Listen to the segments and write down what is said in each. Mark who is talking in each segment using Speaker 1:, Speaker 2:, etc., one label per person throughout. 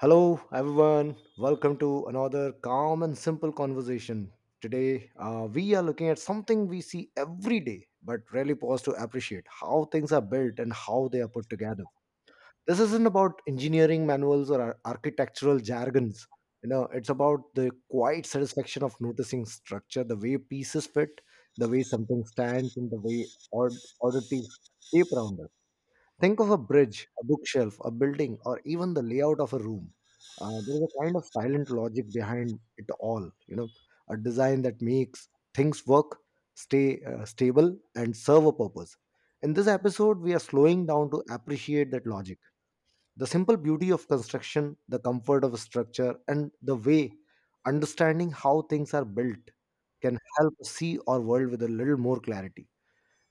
Speaker 1: Hello, everyone. Welcome to another calm and simple conversation. Today, we are looking at something we see every day, but rarely pause to appreciate how things are built and how they are put together. This isn't about engineering manuals or architectural jargons. You know, it's about the quiet satisfaction of noticing structure, the way pieces fit, the way something stands, and the way odd oddities shape around us. Think of a bridge, a bookshelf, a building, or even the layout of a room. There is a kind of silent logic behind it all. You know, a design that makes things work, stay stable, and serve a purpose. In this episode, we are slowing down to appreciate that logic, the simple beauty of construction, the comfort of a structure, and the way understanding how things are built can help us see our world with a little more clarity.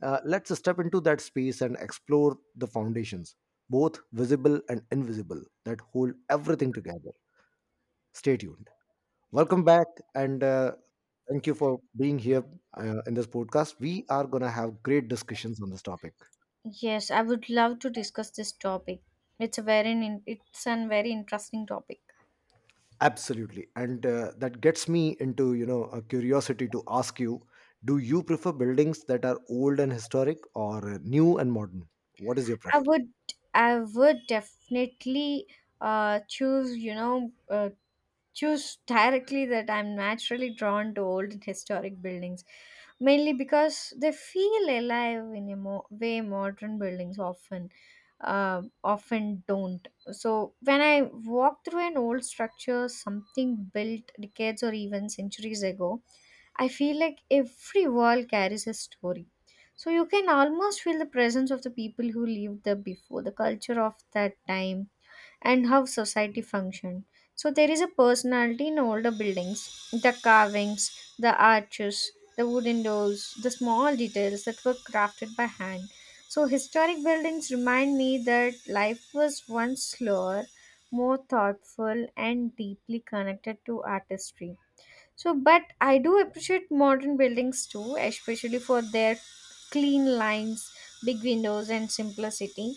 Speaker 1: Let's step into that space and explore the foundations, both visible and invisible, that hold everything together. Stay tuned. Welcome back, and thank you for being here in this podcast. We are going to have great discussions on this topic.
Speaker 2: Yes, I would love to discuss this topic. It's a very it's a very interesting topic.
Speaker 1: Absolutely, and that gets me into, you know, a curiosity to ask you: do you prefer buildings that are old and historic, or new and modern? What is your
Speaker 2: I
Speaker 1: preference?
Speaker 2: would I would definitely choose choose directly that I'm naturally drawn to old and historic buildings, mainly because they feel alive in a way modern buildings often often don't. So when I walk through an old structure, something built decades or even centuries ago, I feel like every wall carries a story. So you can almost feel the presence of the people who lived there before, the culture of that time, and how society functioned. So there is a personality in older buildings, the carvings, the arches, the wooden doors, the small details that were crafted by hand. So historic buildings remind me that life was once slower, more thoughtful, and deeply connected to artistry. So, but I do appreciate modern buildings too, especially for their clean lines, big windows, and simplicity.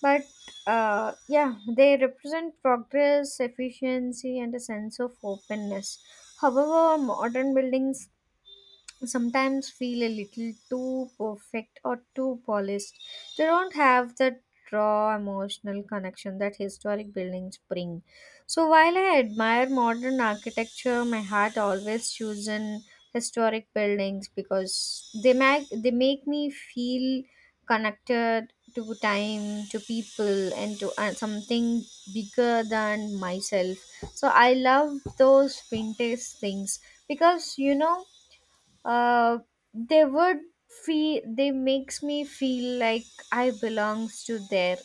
Speaker 2: But yeah, they represent progress, efficiency, and a sense of openness. However, modern buildings sometimes feel a little too perfect or too polished. They don't have that raw emotional connection that historic buildings bring. So while I admire modern architecture, my heart always chooses historic buildings because they make me feel connected to time, to people, and to something bigger than myself. So I love those vintage things because uh, they would feel, they makes me feel like I belongs to there,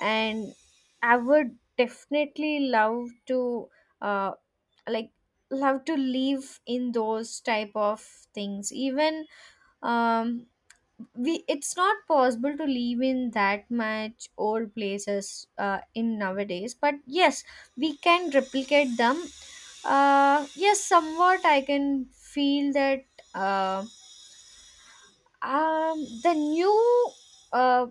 Speaker 2: and I would definitely love to uh, like love to live in those type of things, even um we, it's not possible to live in that much old places in nowadays, but yes we can replicate them. Yes, somewhat I can feel that. um the new uh,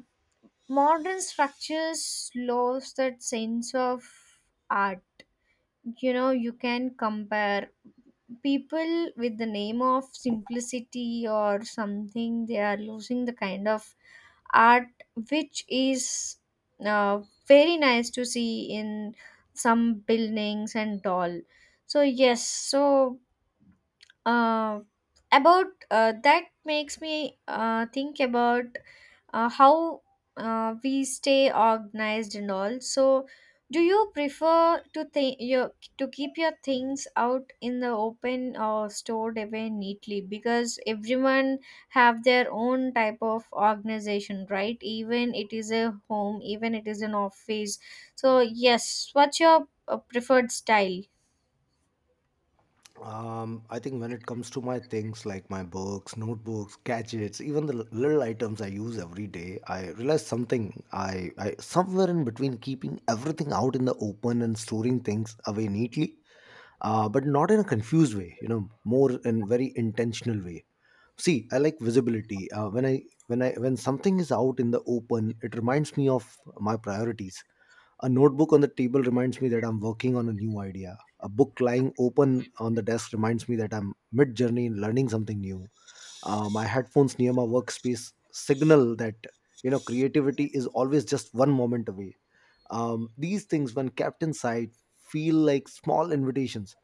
Speaker 2: modern structures lost that sense of art. You know, you can compare people with the name of simplicity or something, they are losing the kind of art which is uh, very nice to see in some buildings and all. So, yes, so uh, about that makes me think about how we stay organized and all. So do you prefer to think your to keep your things out in the open or stored away neatly? Because everyone have their own type of organization, right? Even it is a home, even it is an office. So yes, what's your preferred style?
Speaker 1: I think when it comes to my things like my books, notebooks, gadgets, even the little items I use every day, I realized something. I somewhere in between keeping everything out in the open and storing things away neatly, but not in a confused way. You know, more in very intentional way. See, I like visibility. When something is out in the open, it reminds me of my priorities. A notebook on the table reminds me that I'm working on a new idea. A book lying open on the desk reminds me that I'm mid journey in learning something new. My headphones near my workspace signal that, you know, creativity is always just one moment away. These things, when kept inside, feel like small invitations,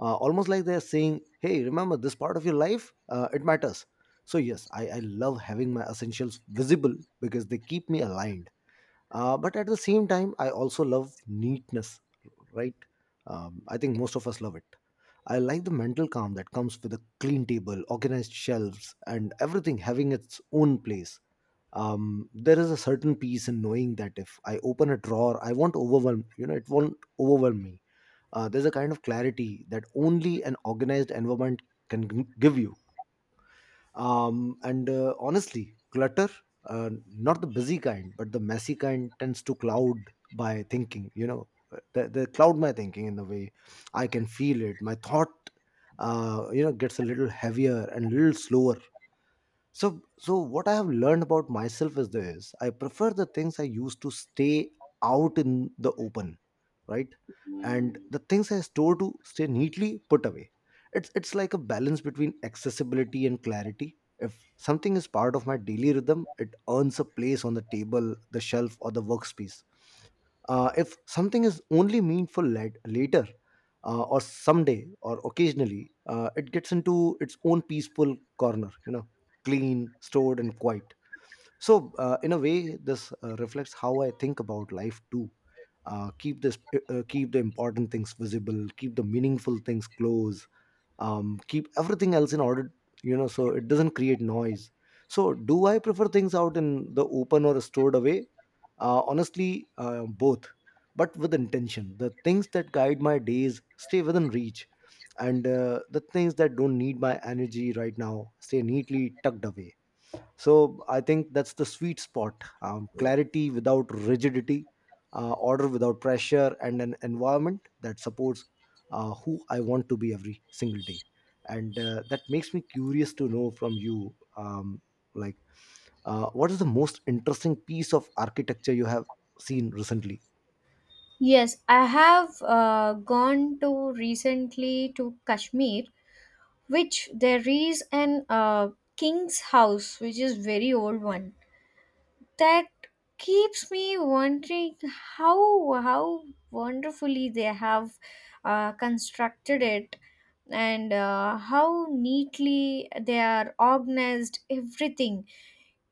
Speaker 1: almost like they're saying, "Hey, remember this part of your life? It matters." So yes, I love having my essentials visible because they keep me aligned, but at the same time I also love neatness, right? I think most of us love it. I like the mental calm that comes with a clean table, organized shelves, and everything having its own place. There is a certain peace in knowing that if I open a drawer, I won't overwhelm, it won't overwhelm me. There's a kind of clarity that only an organized environment can give you. Um, and uh, honestly clutter, uh, not the busy kind but the messy kind, tends to cloud my thinking. You know, they cloud my thinking in the way. I can feel it, my thought you know gets a little heavier and a little slower. So what I have learned about myself is this: I prefer the things I used to stay out in the open, right? And the things I store to stay neatly put away. It's like a balance between accessibility and clarity. If something is part of my daily rhythm, it earns a place on the table, the shelf, or the workspace. If something is only meaningful later, or someday, or occasionally, it gets into its own peaceful corner. You know, clean, stored, and quiet. So, in a way, this reflects how I think about life too. Keep the important things visible, keep the meaningful things close, keep everything else in order, you know, so it doesn't create noise. So, do I prefer things out in the open or stored away? Honestly, both, but with intention. The things that guide my days stay within reach, and the things that don't need my energy right now stay neatly tucked away. So I think that's the sweet spot: clarity without rigidity, order without pressure, and an environment that supports who I want to be every single day. And that makes me curious to know from you, like, what is the most interesting piece of architecture you have seen recently?
Speaker 2: Yes, I have gone to recently to Kashmir, which there is an king's house, which is very old one. That keeps me wondering how wonderfully they have constructed it, and how neatly they are organized everything,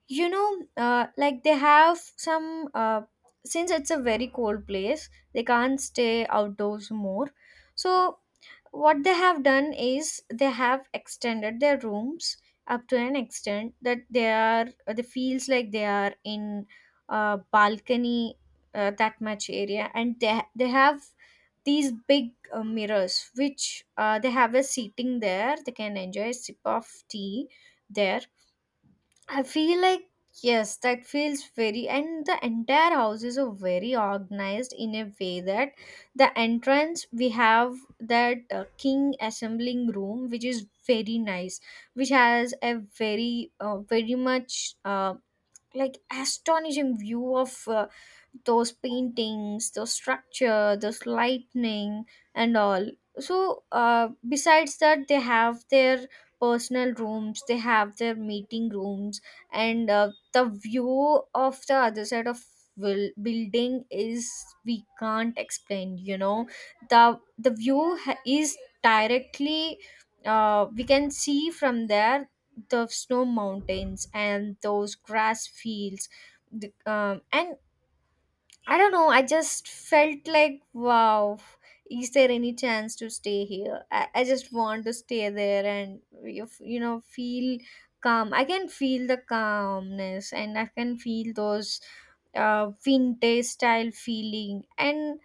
Speaker 2: you know. Like they have some since it's a very cold place they can't stay outdoors more, so what they have done is they have extended their rooms up to an extent that they feels like they are in a balcony, that much area. And they have these big mirrors, which they have a seating there, they can enjoy a sip of tea there. I feel like, yes, that feels very, and the entire house is a very organized in a way that the entrance we have that king assembling room, which is very nice, which has a very very much like astonishing view of those paintings, those structure, those lightning and all. So besides that, they have their personal rooms, they have their meeting rooms, and the view of the other side of will building is, we can't explain, you know, the view is directly, we can see from there the snow mountains and those grass fields, and I don't know. I just felt like, wow, is there any chance to stay here? I just want to stay there and, you know, feel calm. I can feel the calmness and I can feel those vintage style feeling.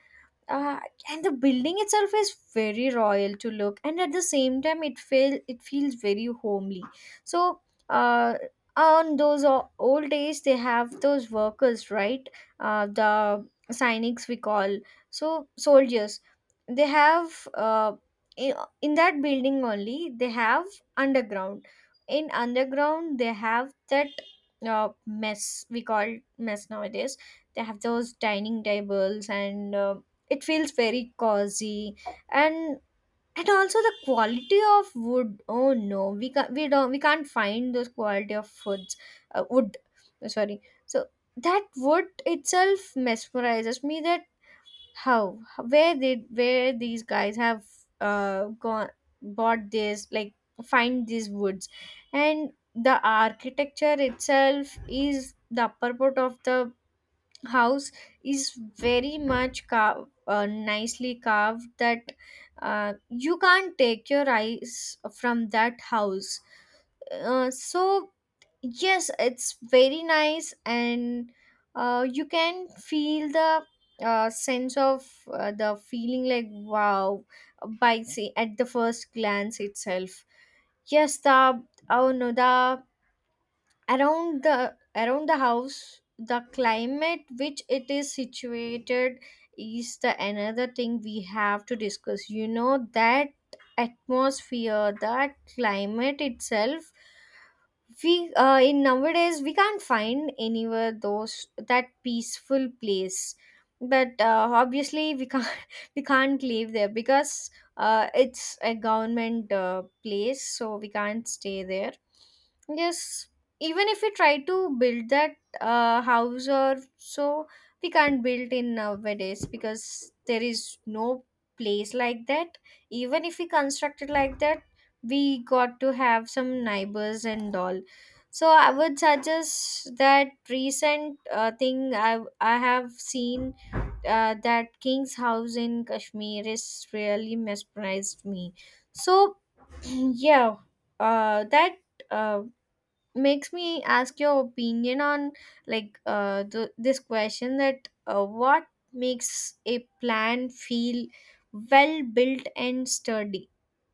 Speaker 2: uh, and the building itself is very royal to look, and at the same time it feels very homely. So uh, on those old days they have those workers, right? The cynics we call, so soldiers, they have in, in that building only they have underground. In underground they have that mess we call, mess nowadays, they have those dining tables, and it feels very cozy. and and also the quality of wood, oh no, we can't find those quality of foods, wood, sorry. So that wood itself mesmerizes me, that how, where these guys have gone, bought this, like, find these woods. And the architecture itself is the upper part of the house is very much carved, nicely carved, that you can't take your eyes from that house. So yes, it's very nice, and you can feel the sense of the feeling like wow by see at the first glance itself. Yes, the, oh no, the, around the house, the climate which it is situated is the another thing we have to discuss, you know, that atmosphere, that climate itself, we in nowadays we can't find anywhere those that peaceful place. But obviously we can't we can't live there because it's a government place, so we can't stay there, yes. Even if we try to build that house or so, we can't build in nowadays because there is no place like that. Even if we construct it like that, we got to have some neighbors and all. So I would suggest that recent thing I have seen, that King's House in Kashmir is really mesmerized me. So yeah, that uh, makes me ask your opinion on, like, this question, that what makes a plan feel well built and sturdy?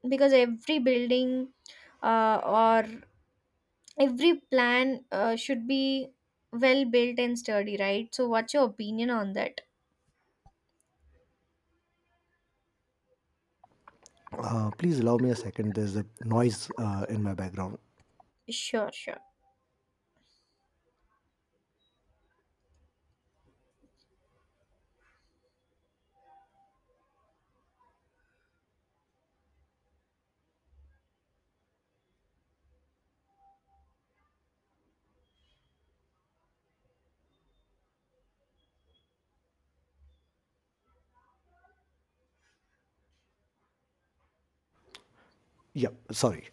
Speaker 2: Because every building, uh, every plan should be well built and sturdy, right? So what's your opinion on that?
Speaker 1: Please allow me a second. There's a noise in my background.
Speaker 2: Sure, sure.
Speaker 1: Yeah, sorry.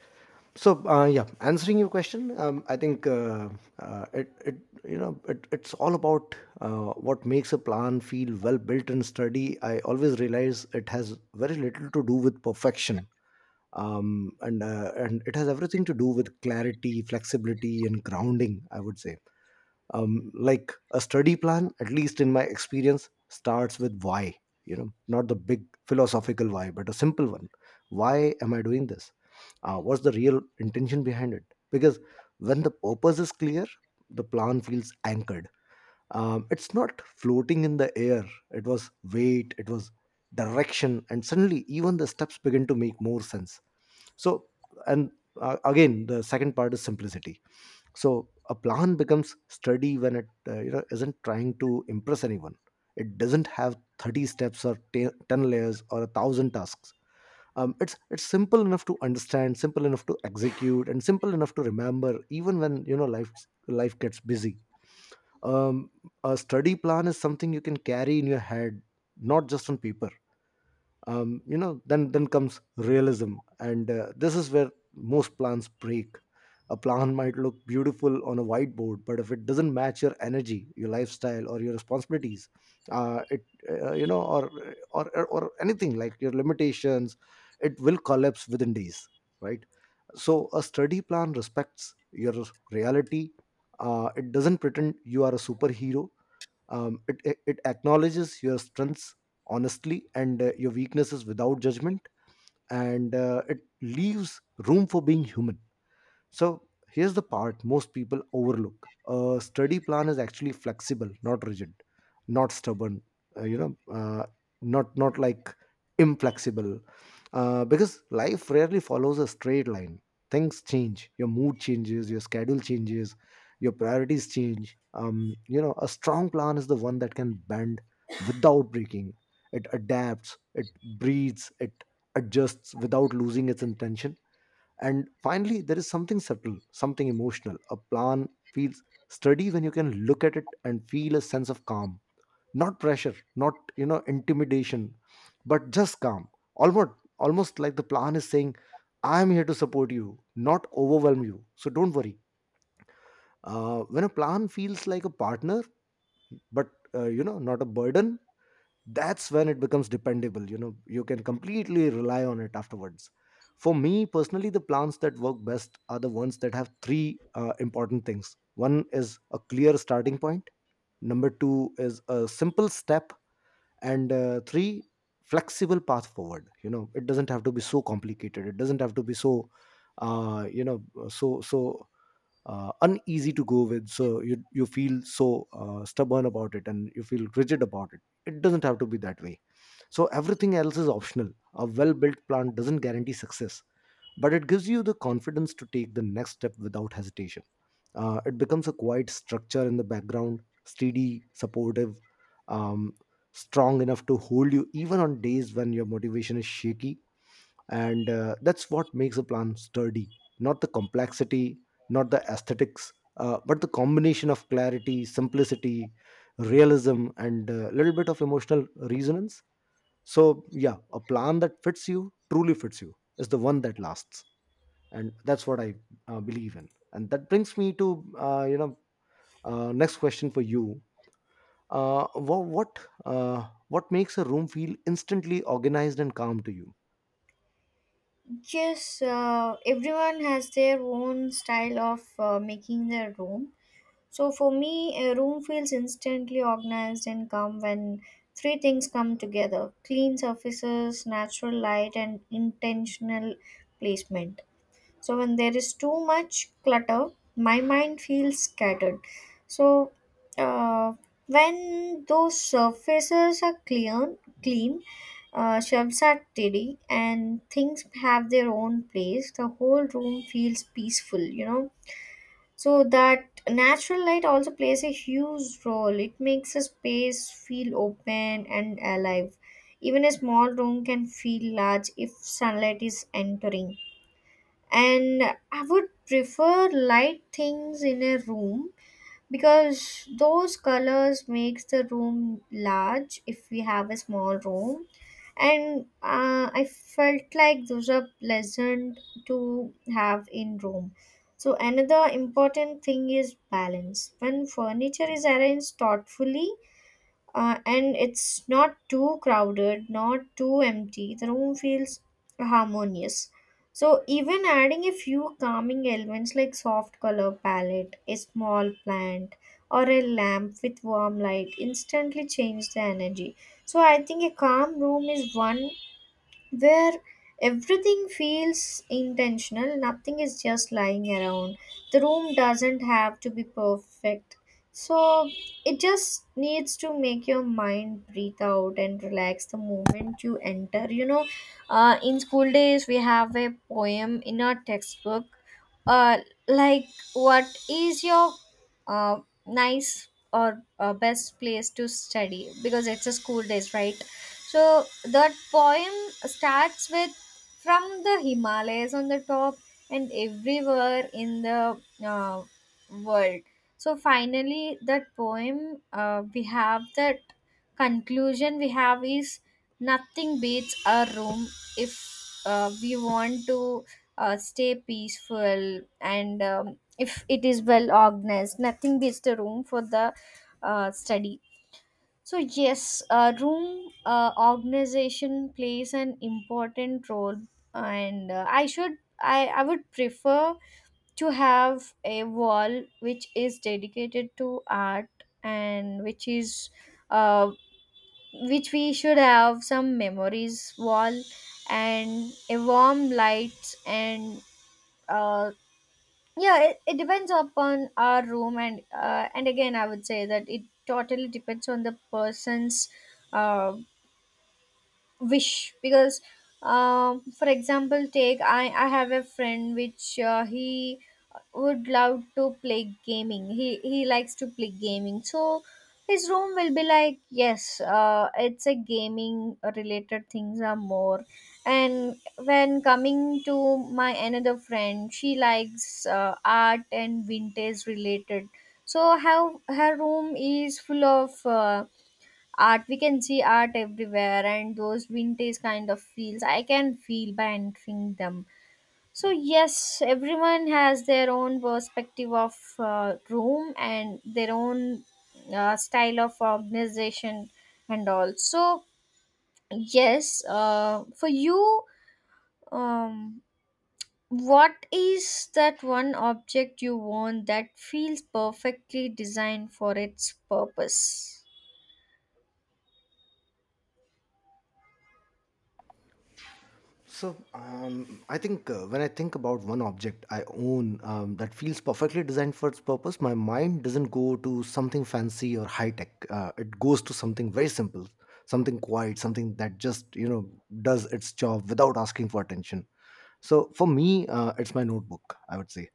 Speaker 1: So yeah, answering your question, I think it, it you know it, it's all about what makes a plan feel well built and sturdy. I always realize it has very little to do with perfection, and it has everything to do with clarity, flexibility, and grounding. I would say, like a sturdy plan, at least in my experience, starts with why. You know, not the big philosophical why, but a simple one. Why am I doing this? What's the real intention behind it? Because when the purpose is clear, the plan feels anchored. It's not floating in the air. It was weight, it was direction, and suddenly even the steps begin to make more sense. So, and again, the second part is simplicity. So a plan becomes sturdy when it you know isn't trying to impress anyone. It doesn't have 30 steps or 10 layers or a thousand tasks. It's simple enough to understand, simple enough to execute, and simple enough to remember even when, you know, life gets busy. Um, a study plan is something you can carry in your head, not just on paper. Um, you know, then comes realism, and this is where most plans break. A plan might look beautiful on a whiteboard, but if it doesn't match your energy, your lifestyle, or your responsibilities, it you know or anything like your limitations, it will collapse within days, right? So a study plan respects your reality. Uh, it doesn't pretend you are a superhero. It acknowledges your strengths honestly and your weaknesses without judgment, and it leaves room for being human. So here's the part most people overlook. A study plan is actually flexible, not rigid, not stubborn, uh, you know, uh, not inflexible. Because life rarely follows a straight line. Things change. Your mood changes, your schedule changes, your priorities change. You know, a strong plan is the one that can bend without breaking. It adapts, it breathes, it adjusts without losing its intention. And finally, there is something subtle, something emotional. A plan feels sturdy when you can look at it and feel a sense of calm. Not pressure, not, you know, intimidation, but just calm. Almost almost like the plan is saying, I am here to support you, not overwhelm you. So don't worry. When a plan feels like a partner, but you know, not a burden, that's when it becomes dependable. You know, you can completely rely on it afterwards. For me personally, the plans that work best are the ones that have three important things. One is a clear starting point, number two is a simple step, and three, flexible path forward. You know, it doesn't have to be so complicated, it doesn't have to be so uh, you know so so uneasy to go with so you feel so stubborn about it and you feel rigid about it. It doesn't have to be that way. So everything else is optional. A well built plan doesn't guarantee success, but it gives you the confidence to take the next step without hesitation. Uh, it becomes a quiet structure in the background, steady, supportive, um, strong enough to hold you even on days when your motivation is shaky. And that's what makes a plan sturdy, not the complexity, not the aesthetics, but the combination of clarity, simplicity, realism, and a little bit of emotional resonance. So yeah, a plan that fits you, truly fits you, is the one that lasts, and that's what I believe in. And that brings me to, next question for you. uh, wha- what what makes a room feel instantly organized and calm to you?
Speaker 2: Yes, everyone has their own style of making their room. So for me, a room feels instantly organized and calm when three things come together: clean surfaces, natural light, and intentional placement. So when there is too much clutter, my mind feels scattered. So uh, when those surfaces are clean, shelves are tidy, and things have their own place, the whole room feels peaceful. You know, so that natural light also plays a huge role. It makes a space feel open and alive. Even a small room can feel large if sunlight is entering. And I would prefer light things in a room, because those colors makes the room large if we have a small room, and I felt like those are pleasant to have in room. So another important thing is balance. When furniture is arranged thoughtfully, and it's not too crowded, not too empty, the room feels harmonious. So even adding a few calming elements like soft color palette, a small plant, or a lamp with warm light instantly change the energy. So I think a calm room is one where everything feels intentional, nothing is just lying around. The room doesn't have to be perfect. So it just needs to make your mind breathe out and relax the moment you enter. You know, in school days, we have a poem in our textbook. Uh, like, what is your uh, nice or best place to study? Because it's a school days, right? So that poem starts with from the Himalayas on the top and everywhere in the uh, world. So finally, that poem, we have that conclusion we have is, nothing beats a room if we want to stay peaceful and if it is well organized. Nothing beats the room for the study. So yes, room organization plays an important role, and I should, I would prefer to have a wall which is dedicated to art, and which is uh, which we should have some memories wall and a warm light. And uh, yeah, it depends upon our room, and again I would say that it totally depends on the person's uh, wish. Because for example take, I have a friend which, he would love to play gaming, he likes to play gaming, so his room will be like, yes, it's a gaming related things are more. And when coming to my another friend, she likes art and vintage related, so how, her room is full of art, we can see art everywhere, and those vintage kind of feels I can feel by entering them. So yes, everyone has their own perspective of room and their own style of organization. And also, yes, for you, um, what is that one object you want that feels perfectly designed for its purpose?
Speaker 1: So I think when I think about one object I own, that feels perfectly designed for its purpose, my mind doesn't go to something fancy or high tech. It goes to something very simple, something quiet, something that just, you know, does its job without asking for attention. So for me, it's my notebook. I would say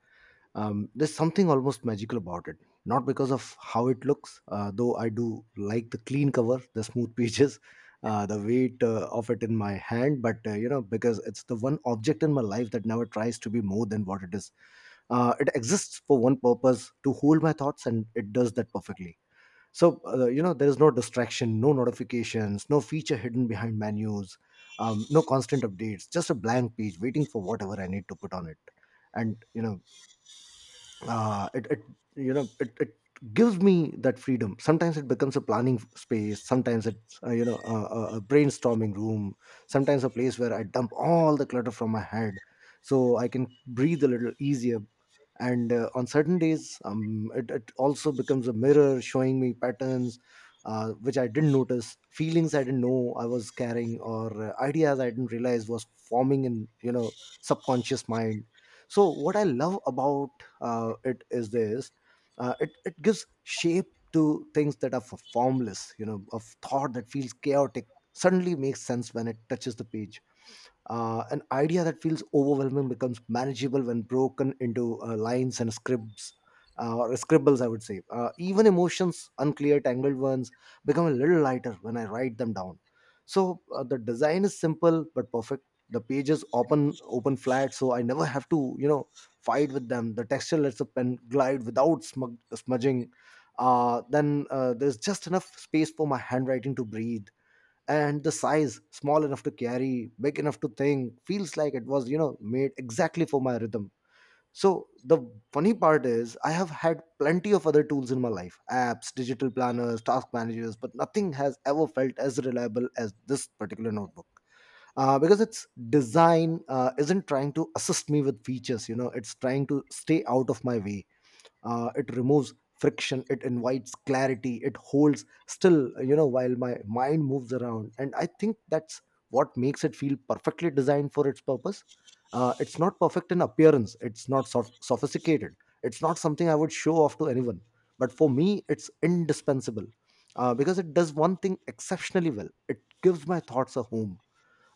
Speaker 1: um, there's something almost magical about it, not because of how it looks, though I do like the clean cover, the smooth pages, the weight of it in my hand, but you know, because it's the one object in my life that never tries to be more than what it is. It exists for one purpose, to hold my thoughts, and it does that perfectly. So you know, there is no distraction, no notifications, no feature hidden behind menus, no constant updates, just a blank page waiting for whatever I need to put on it. And uh, it, it it gives me that freedom. Sometimes it becomes a planning space, sometimes it's you know, a brainstorming room, sometimes a place where I dump all the clutter from my head, so I can breathe a little easier. And on certain days, it also becomes a mirror, showing me patterns which I didn't notice, feelings I didn't know I was carrying, or ideas I didn't realize was forming in, you know, subconscious mind. So what I love about it is this: it gives shape to things that are formless, you know, of thought that feels chaotic, suddenly makes sense when it touches the page. An idea that feels overwhelming becomes manageable when broken into lines and scribs, or scribbles, I would say. Even emotions, unclear tangled ones, become a little lighter when I write them down. So the design is simple but perfect. The pages open flat, so I never have to, fight with them. The texture lets the pen glide without smudging. Then there's just enough space for my handwriting to breathe. And the size, small enough to carry, big enough to think, feels like it was made exactly for my rhythm. So the funny part is, I have had plenty of other tools in my life: apps, digital planners, task managers, but nothing has ever felt as reliable as this particular notebook. Because its design isn't trying to assist me with features, you know, it's trying to stay out of my way. It removes friction, it invites clarity, it holds still while my mind moves around, and I think that's what makes it feel perfectly designed for its purpose. It's not perfect in appearance, it's not sophisticated, it's not something I would show off to anyone, but for me it's indispensable. Because it does one thing exceptionally well, it gives my thoughts a home.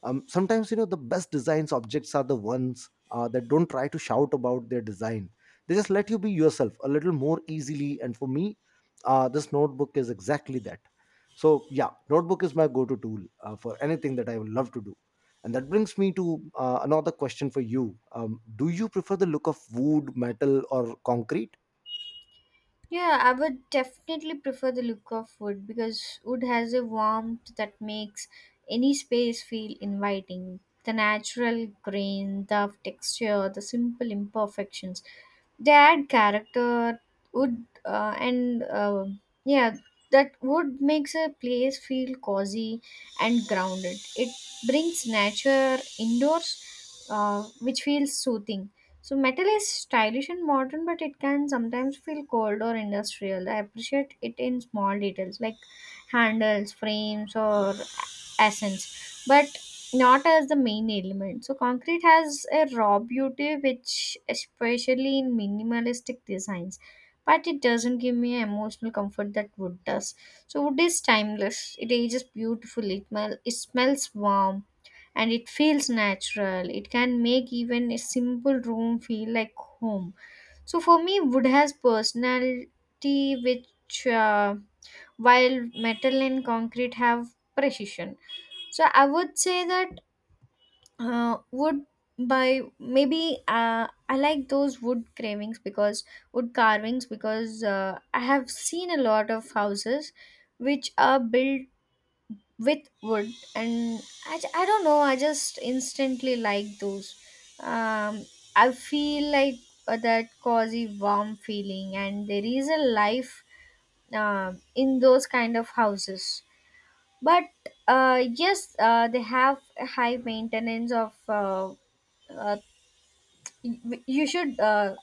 Speaker 1: Sometimes, you know, the best designs objects are the ones that don't try to shout about their design. They just let you be yourself a little more easily, and for me, this notebook is exactly that. So yeah, notebook is my go-to tool for anything that I would love to do. And that brings me to another question for you: do you prefer the look of wood, metal, or concrete?
Speaker 2: Yeah, I would definitely prefer the look of wood, because wood has a warmth that makes any space feel inviting. The natural grain, the texture, the simple imperfections, they add character. Wood and yeah, that wood makes a place feel cozy and grounded. It brings nature indoors, which feels soothing. So metal is stylish and modern, but it can sometimes feel cold or industrial. I appreciate it in small details like handles, frames, or accents, but not as the main element. So concrete has a raw beauty, which especially in minimalistic designs, but it doesn't give me emotional comfort that wood does. So wood is timeless. It ages beautifully. It smells warm and it feels natural. It can make even a simple room feel like home. So for me, wood has personality, which while metal and concrete have precision. So I would say that wood, by maybe I like those wood carvings because I have seen a lot of houses which are built with wood, and I don't know, I just instantly like those. um I feel like that cozy warm feeling, and there is a life in those kind of houses. But yes, they have a high maintenance of uh, you should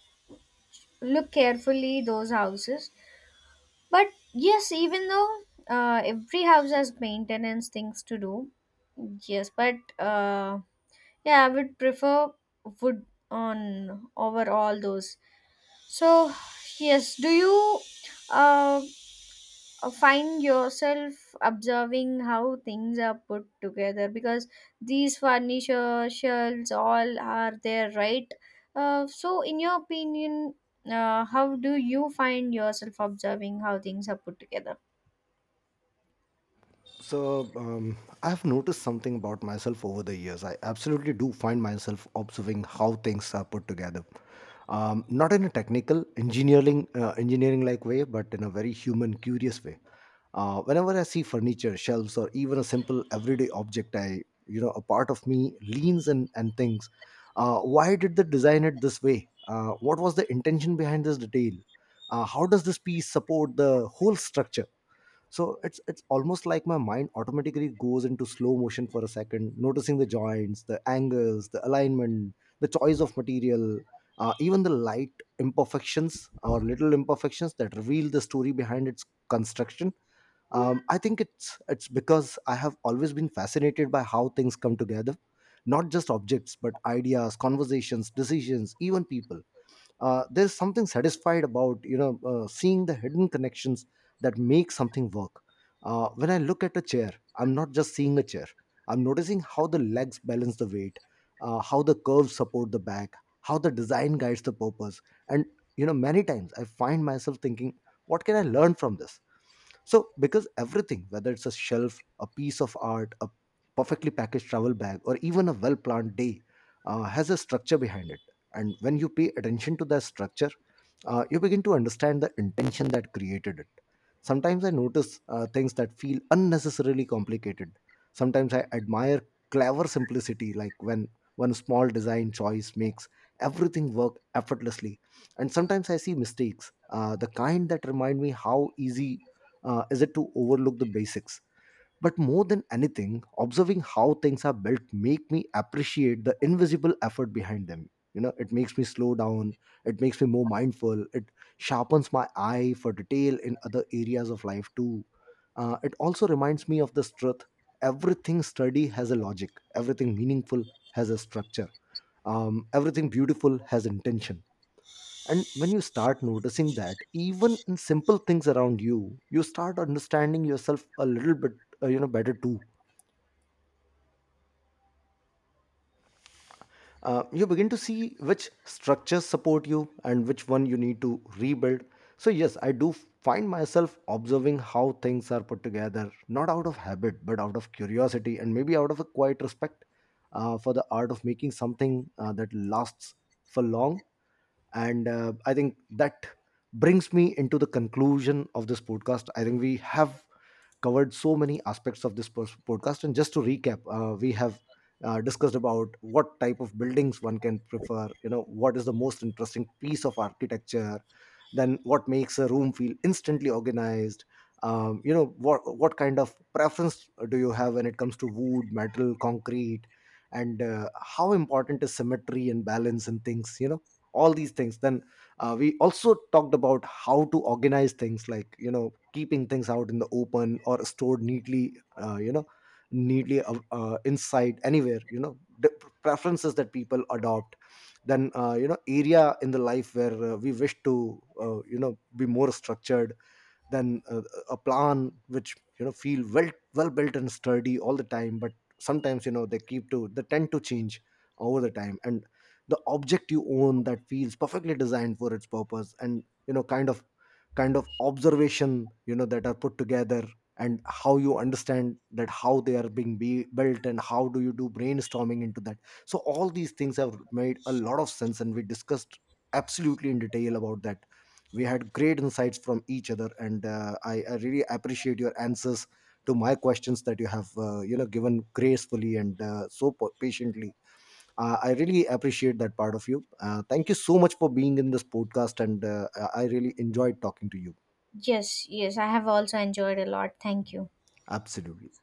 Speaker 2: look carefully those houses. But yes, even though, every house has maintenance things to do. Yes, but yeah, I would prefer wood on over all those. So yes, do you uh, find yourself observing how things are put together? Because these furniture shelves all are there, right? So in your opinion, how do you find yourself observing how things are put together?
Speaker 1: So, I've noticed something about myself over the years. I absolutely do find myself observing how things are put together. Not in a technical engineering like way, but in a very human, curious way. Whenever I see furniture, shelves, or even a simple everyday object, I you know a part of me leans and thinks, why did they design it this way? What was the intention behind this detail? How does this piece support the whole structure? So it's almost like my mind automatically goes into slow motion for a second, noticing the joints, the angles, the alignment, the choice of material, even the light imperfections, or little imperfections that reveal the story behind its construction. I think it's because I have always been fascinated by how things come together, not just objects but ideas, conversations, decisions, even people. There's something satisfied about, you know, seeing the hidden connections that make something work. When I look at a chair, I'm not just seeing a chair, I'm noticing how the legs balance the weight, how the curves support the back, how the design guides the purpose. And you know, many times I find myself thinking, what can I learn from this? So, because everything, whether it's a shelf, a piece of art, a perfectly packaged travel bag, or even a well planned day, has a structure behind it. And when you pay attention to that structure, you begin to understand the intention that created it. Sometimes I notice things that feel unnecessarily complicated. Sometimes I admire clever simplicity, like when one small design choice makes everything work effortlessly. And sometimes I see mistakes, the kind that remind me how easy is it to overlook the basics. But more than anything, observing how things are built make me appreciate the invisible effort behind them, you know. It makes me slow down, it makes me more mindful, it sharpens my eye for detail in other areas of life too. It also reminds me of this truth: everything sturdy has a logic, everything meaningful has a structure, everything beautiful has intention. And when you start noticing that, even in simple things around you, you start understanding yourself a little bit, better too. You begin to see which structures support you and which one you need to rebuild. So yes, I do find myself observing how things are put together, not out of habit, but out of curiosity, and maybe out of a quiet respect for the art of making something that lasts for long. And I think that brings me into the conclusion of this podcast. I think we have covered so many aspects of this podcast. And just to recap, we have discussed about what type of buildings one can prefer, you know, what is the most interesting piece of architecture, then what makes a room feel instantly organized. You know what kind of preference do you have when it comes to wood, metal, concrete, and how important is symmetry and balance and things. You know, all these things. Then we also talked about how to organize things, like you know, keeping things out in the open or stored neatly, you know, neatly, inside anywhere, you know, the preferences that people adopt. Then you know, area in the life where we wish to you know, be more structured than a plan which you know, feel well built and sturdy all the time. But sometimes you know, they tend to change over the time. And the object you own that feels perfectly designed for its purpose, and you know, kind of observation, you know, that are put together, and how you understand that, how they are being built, and how do you do brainstorming into that. So all these things have made a lot of sense, and we discussed absolutely in detail about that. We had great insights from each other, and I really appreciate your answers to my questions that you have you know, given gracefully and so patiently. I really appreciate that part of you. Thank you so much for being in this podcast. And I really enjoyed talking to you.
Speaker 2: Yes, yes, I have also enjoyed a lot. Thank you.
Speaker 1: Absolutely.